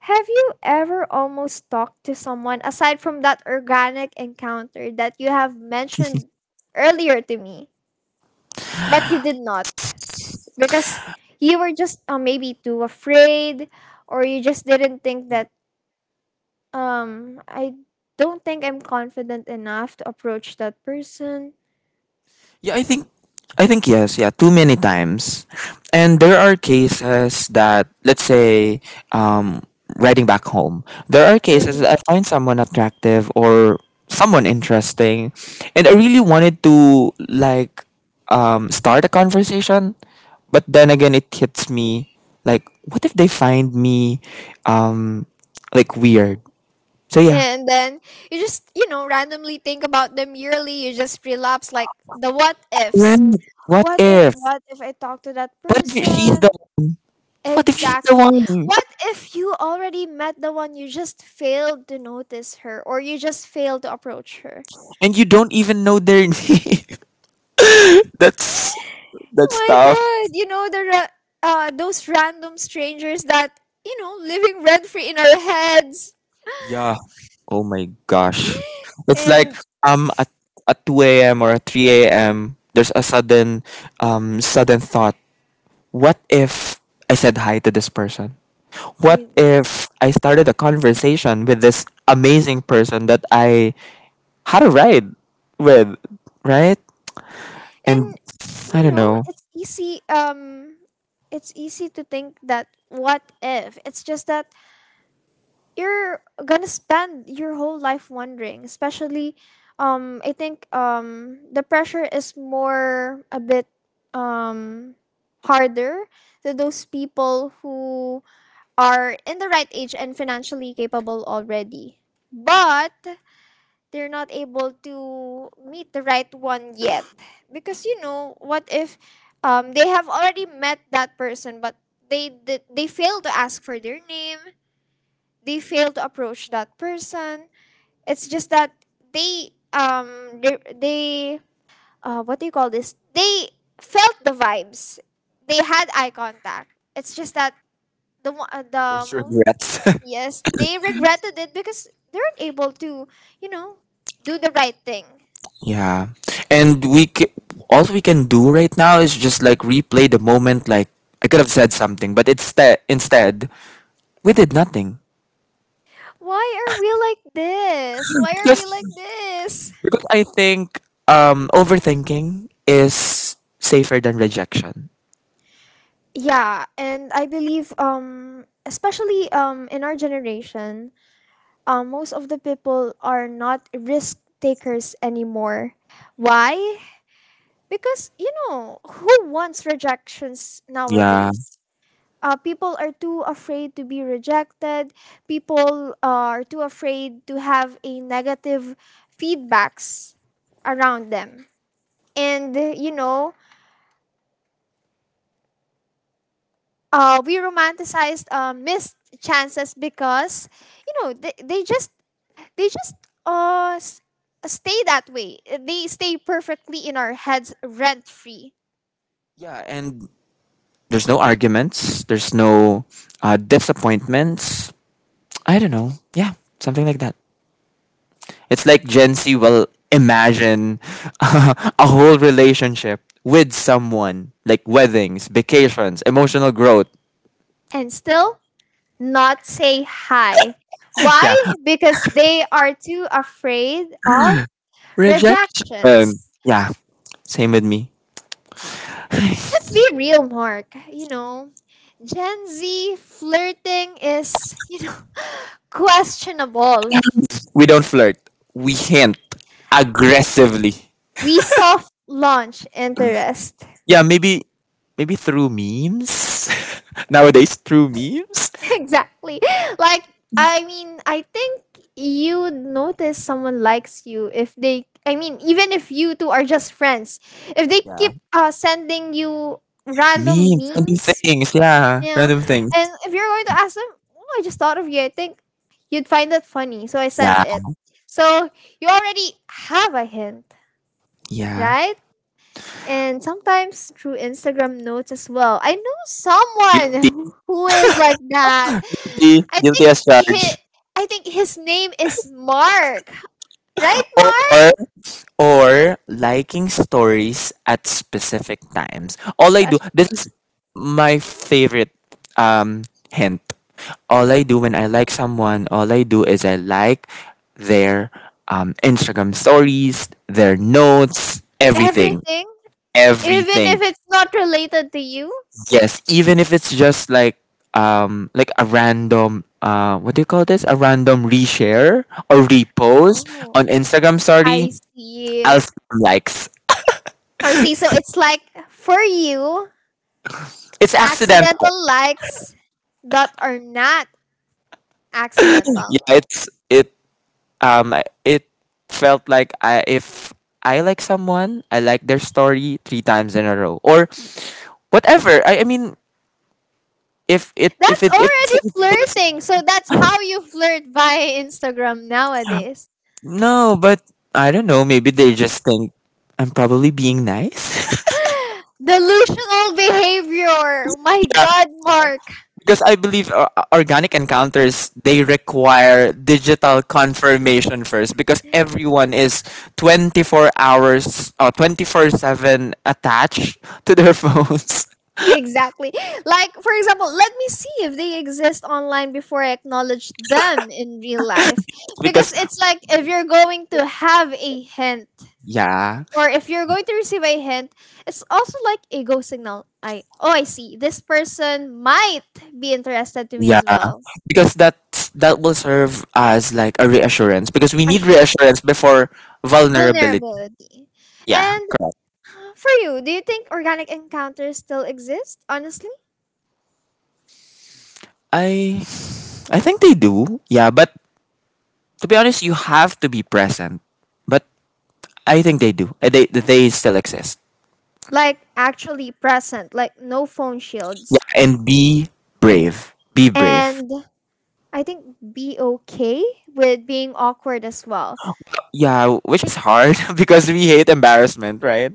Have you ever almost talked to someone aside from that organic encounter that you have mentioned earlier to me, but you did not? Because you were just maybe too afraid, or you just didn't think that, I don't think I'm confident enough to approach that person. Yeah, I think yes, yeah, too many times. And there are cases that let's say um riding back home. There are cases that I Mm. find someone attractive or someone interesting and I really wanted to like start a conversation, but then again it hits me like what if they find me um like weird. So yeah. And then you just, you know, randomly think about them yearly. You just relapse like the what ifs. Right. What if? What if I talk to that What if she's the person? what if she's the Exactly. one? What if you already met the one you just failed to notice her or you just failed to approach her? And you don't even know their name. that's that's My tough. god, you know those random strangers that, you know, living rent free in our heads Yeah. Oh my gosh. It's like and um at at two a.m. or at three a.m. There's a sudden thought. What if I said hi to this person? What you- if I started a conversation with this amazing person that I had a ride with, right? and And I you don't know, know. It's easy to think that what if? It's just that you're gonna spend your whole life wondering, especially I think the pressure is more a bit um harder to those people who are in the right age and financially capable already, but they're not able to meet the right one yet, because you know what if they have already met that person but they fail to ask for their name, they fail to approach that person. It's just that they what do you call this? They felt the vibes. They had eye contact. It's just that the There's most, regrets. yes, they regretted it because they weren't able to, you know, do the right thing. Yeah. And all we can do right now is just like replay the moment like I could have said something, but instead we did nothing. Why are we like this? Why are we like Because this? because I think overthinking is safer than rejection. Yeah, and I believe especially in our generation most of the people are not risk takers anymore. Why? Because, you know, who wants rejections Yeah. nowadays? People are too afraid to be rejected. People are too afraid to have a negative feedbacks around them. And, you know, we romanticized missed chances because, you know, they just uh s- stay that way. They stay perfectly in our heads rent free Yeah, and there's no arguments, there's no disappointments. I don't know. Yeah, something like that. It's like Gen Z will imagine a whole relationship with someone, like weddings, vacations, emotional growth. and still not say hi. Yeah. Why? Because they are too afraid of Rejection. rejections. Yeah. Same with me. Let's be real, Mark. You know, Gen Z flirting is, you know, questionable. We don't flirt. We hint aggressively. We soft launch interest. Yeah, maybe through memes. Nowadays through memes. Exactly. Like, I mean, I think you would notice someone likes you if they, I mean, even if you two are just friends, if they Yeah. keep sending you random Memes. Random memes, things, yeah. yeah, Random things. and if you're going to ask them, oh, I just thought of you, I think you'd find that funny, so I sent Yeah. it. So you already have a hint, Yeah. right? And sometimes through Instagram notes as well. I know someone who Guilty. who is like that. I Guilty think as he, charged. I think his name is Mark, right, Mark? Or or liking stories at specific times. All I do Especially this is my favorite um hint. All I do when I like someone, all I do is I like their Instagram stories, their notes, everything. everything, even if Everything. it's not related to you. Yes, even if it's just like a random what do you call this? A random reshare or repost Oh, on Instagram I story, see. I'll s- likes. I see. So it's like for you, It's accidental accidental. likes that are not accidental. Yeah, it's it it felt like I if I like someone, I like their story three times in a row or whatever. I mean That's if it's, already it's flirting. So that's how you flirt via Instagram nowadays. no, but I don't know. Maybe they just think I'm probably being nice. Delusional behavior. My yeah, God, Mark. because I believe organic encounters they require digital confirmation first because everyone is 24 hours or 24/7 attached to their phones. Exactly. Like, for example, let me see if they exist online before I acknowledge them in real life. Because Because it's like if you're going to have a hint yeah, or if you're going to receive a hint, it's also like a go signal. I oh I see. This person might be interested to me yeah, as well. because that will serve as like a reassurance because we need reassurance before vulnerability. Vulnerability. Yeah. And for you, do you think organic encounters still exist, honestly? I i think they do, yeah, but to be honest you have to be present, but I think they do. They still exist. Like actually present, like no phone shields. Yeah, and be brave, be brave. And I think be okay with being awkward as well. Yeah, which is hard because we hate embarrassment, right?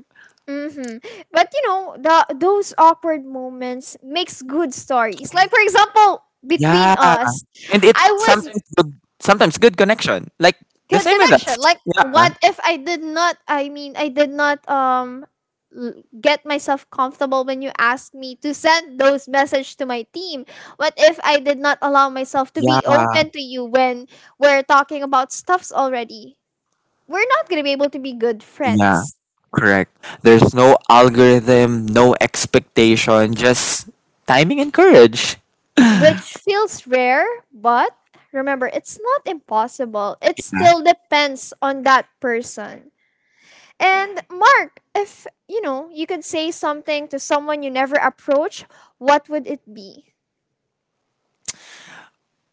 Mm-hmm. But you know, the those awkward moments makes good stories. Like for example, between, Yeah, yeah, us, and it I was sometimes good connection like the good same with us. connection like, yeah. Yeah, What if I did not, I mean, I did not get myself comfortable when you asked me to send those message to my team? What if I did not allow myself to be yeah, open to you when we're talking about stuffs already? We're not going to be able to be good yeah. friends, Correct. There's no algorithm, no expectation, just timing and courage. which feels rare, but remember it's not impossible, it still depends on that person. And Mark, if you know, you could say something to someone you never approach, what would it be?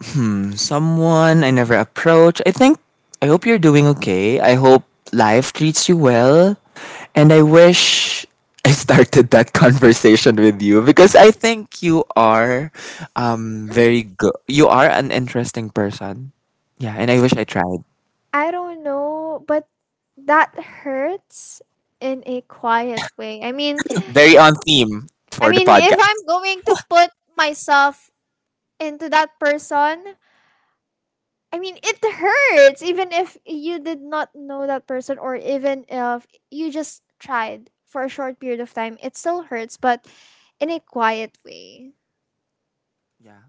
Hmm, someone I never approached. I think, I hope you're doing okay. I hope life treats you well. And I wish I started that conversation with you because I think you are very good. You are an interesting person. Yeah, and I wish I tried. I don't know, but that hurts in a quiet way. Very on theme I for the mean if I'm podcast. going to put myself into that person, I mean it hurts even if you did not know that person or even if you just tried for a short period of time, it still hurts, but in a quiet way. Yeah,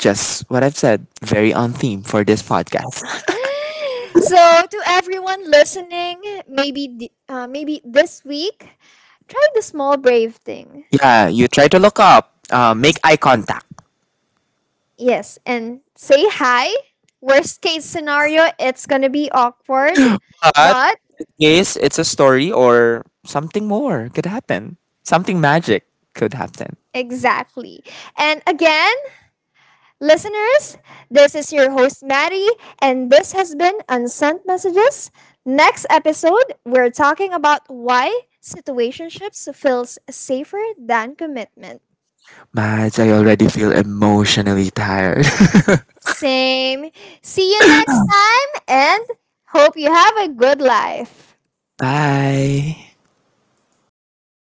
just what I've said. Very on theme for this podcast. So to everyone listening, maybe maybe this week try the small brave thing. Yeah, you try to look up, make eye contact. Yes, and say hi. Worst case scenario, it's gonna be awkward, But but yes, it's a story or something more could happen. Something magic could happen. exactly. And again, listeners, this is your host Maddie, and this has been Unsent Messages. Next episode we're talking about why situationships feels safer than commitment. Mads, I already feel emotionally tired. Same. See you next time, and hope you have a good life. Bye.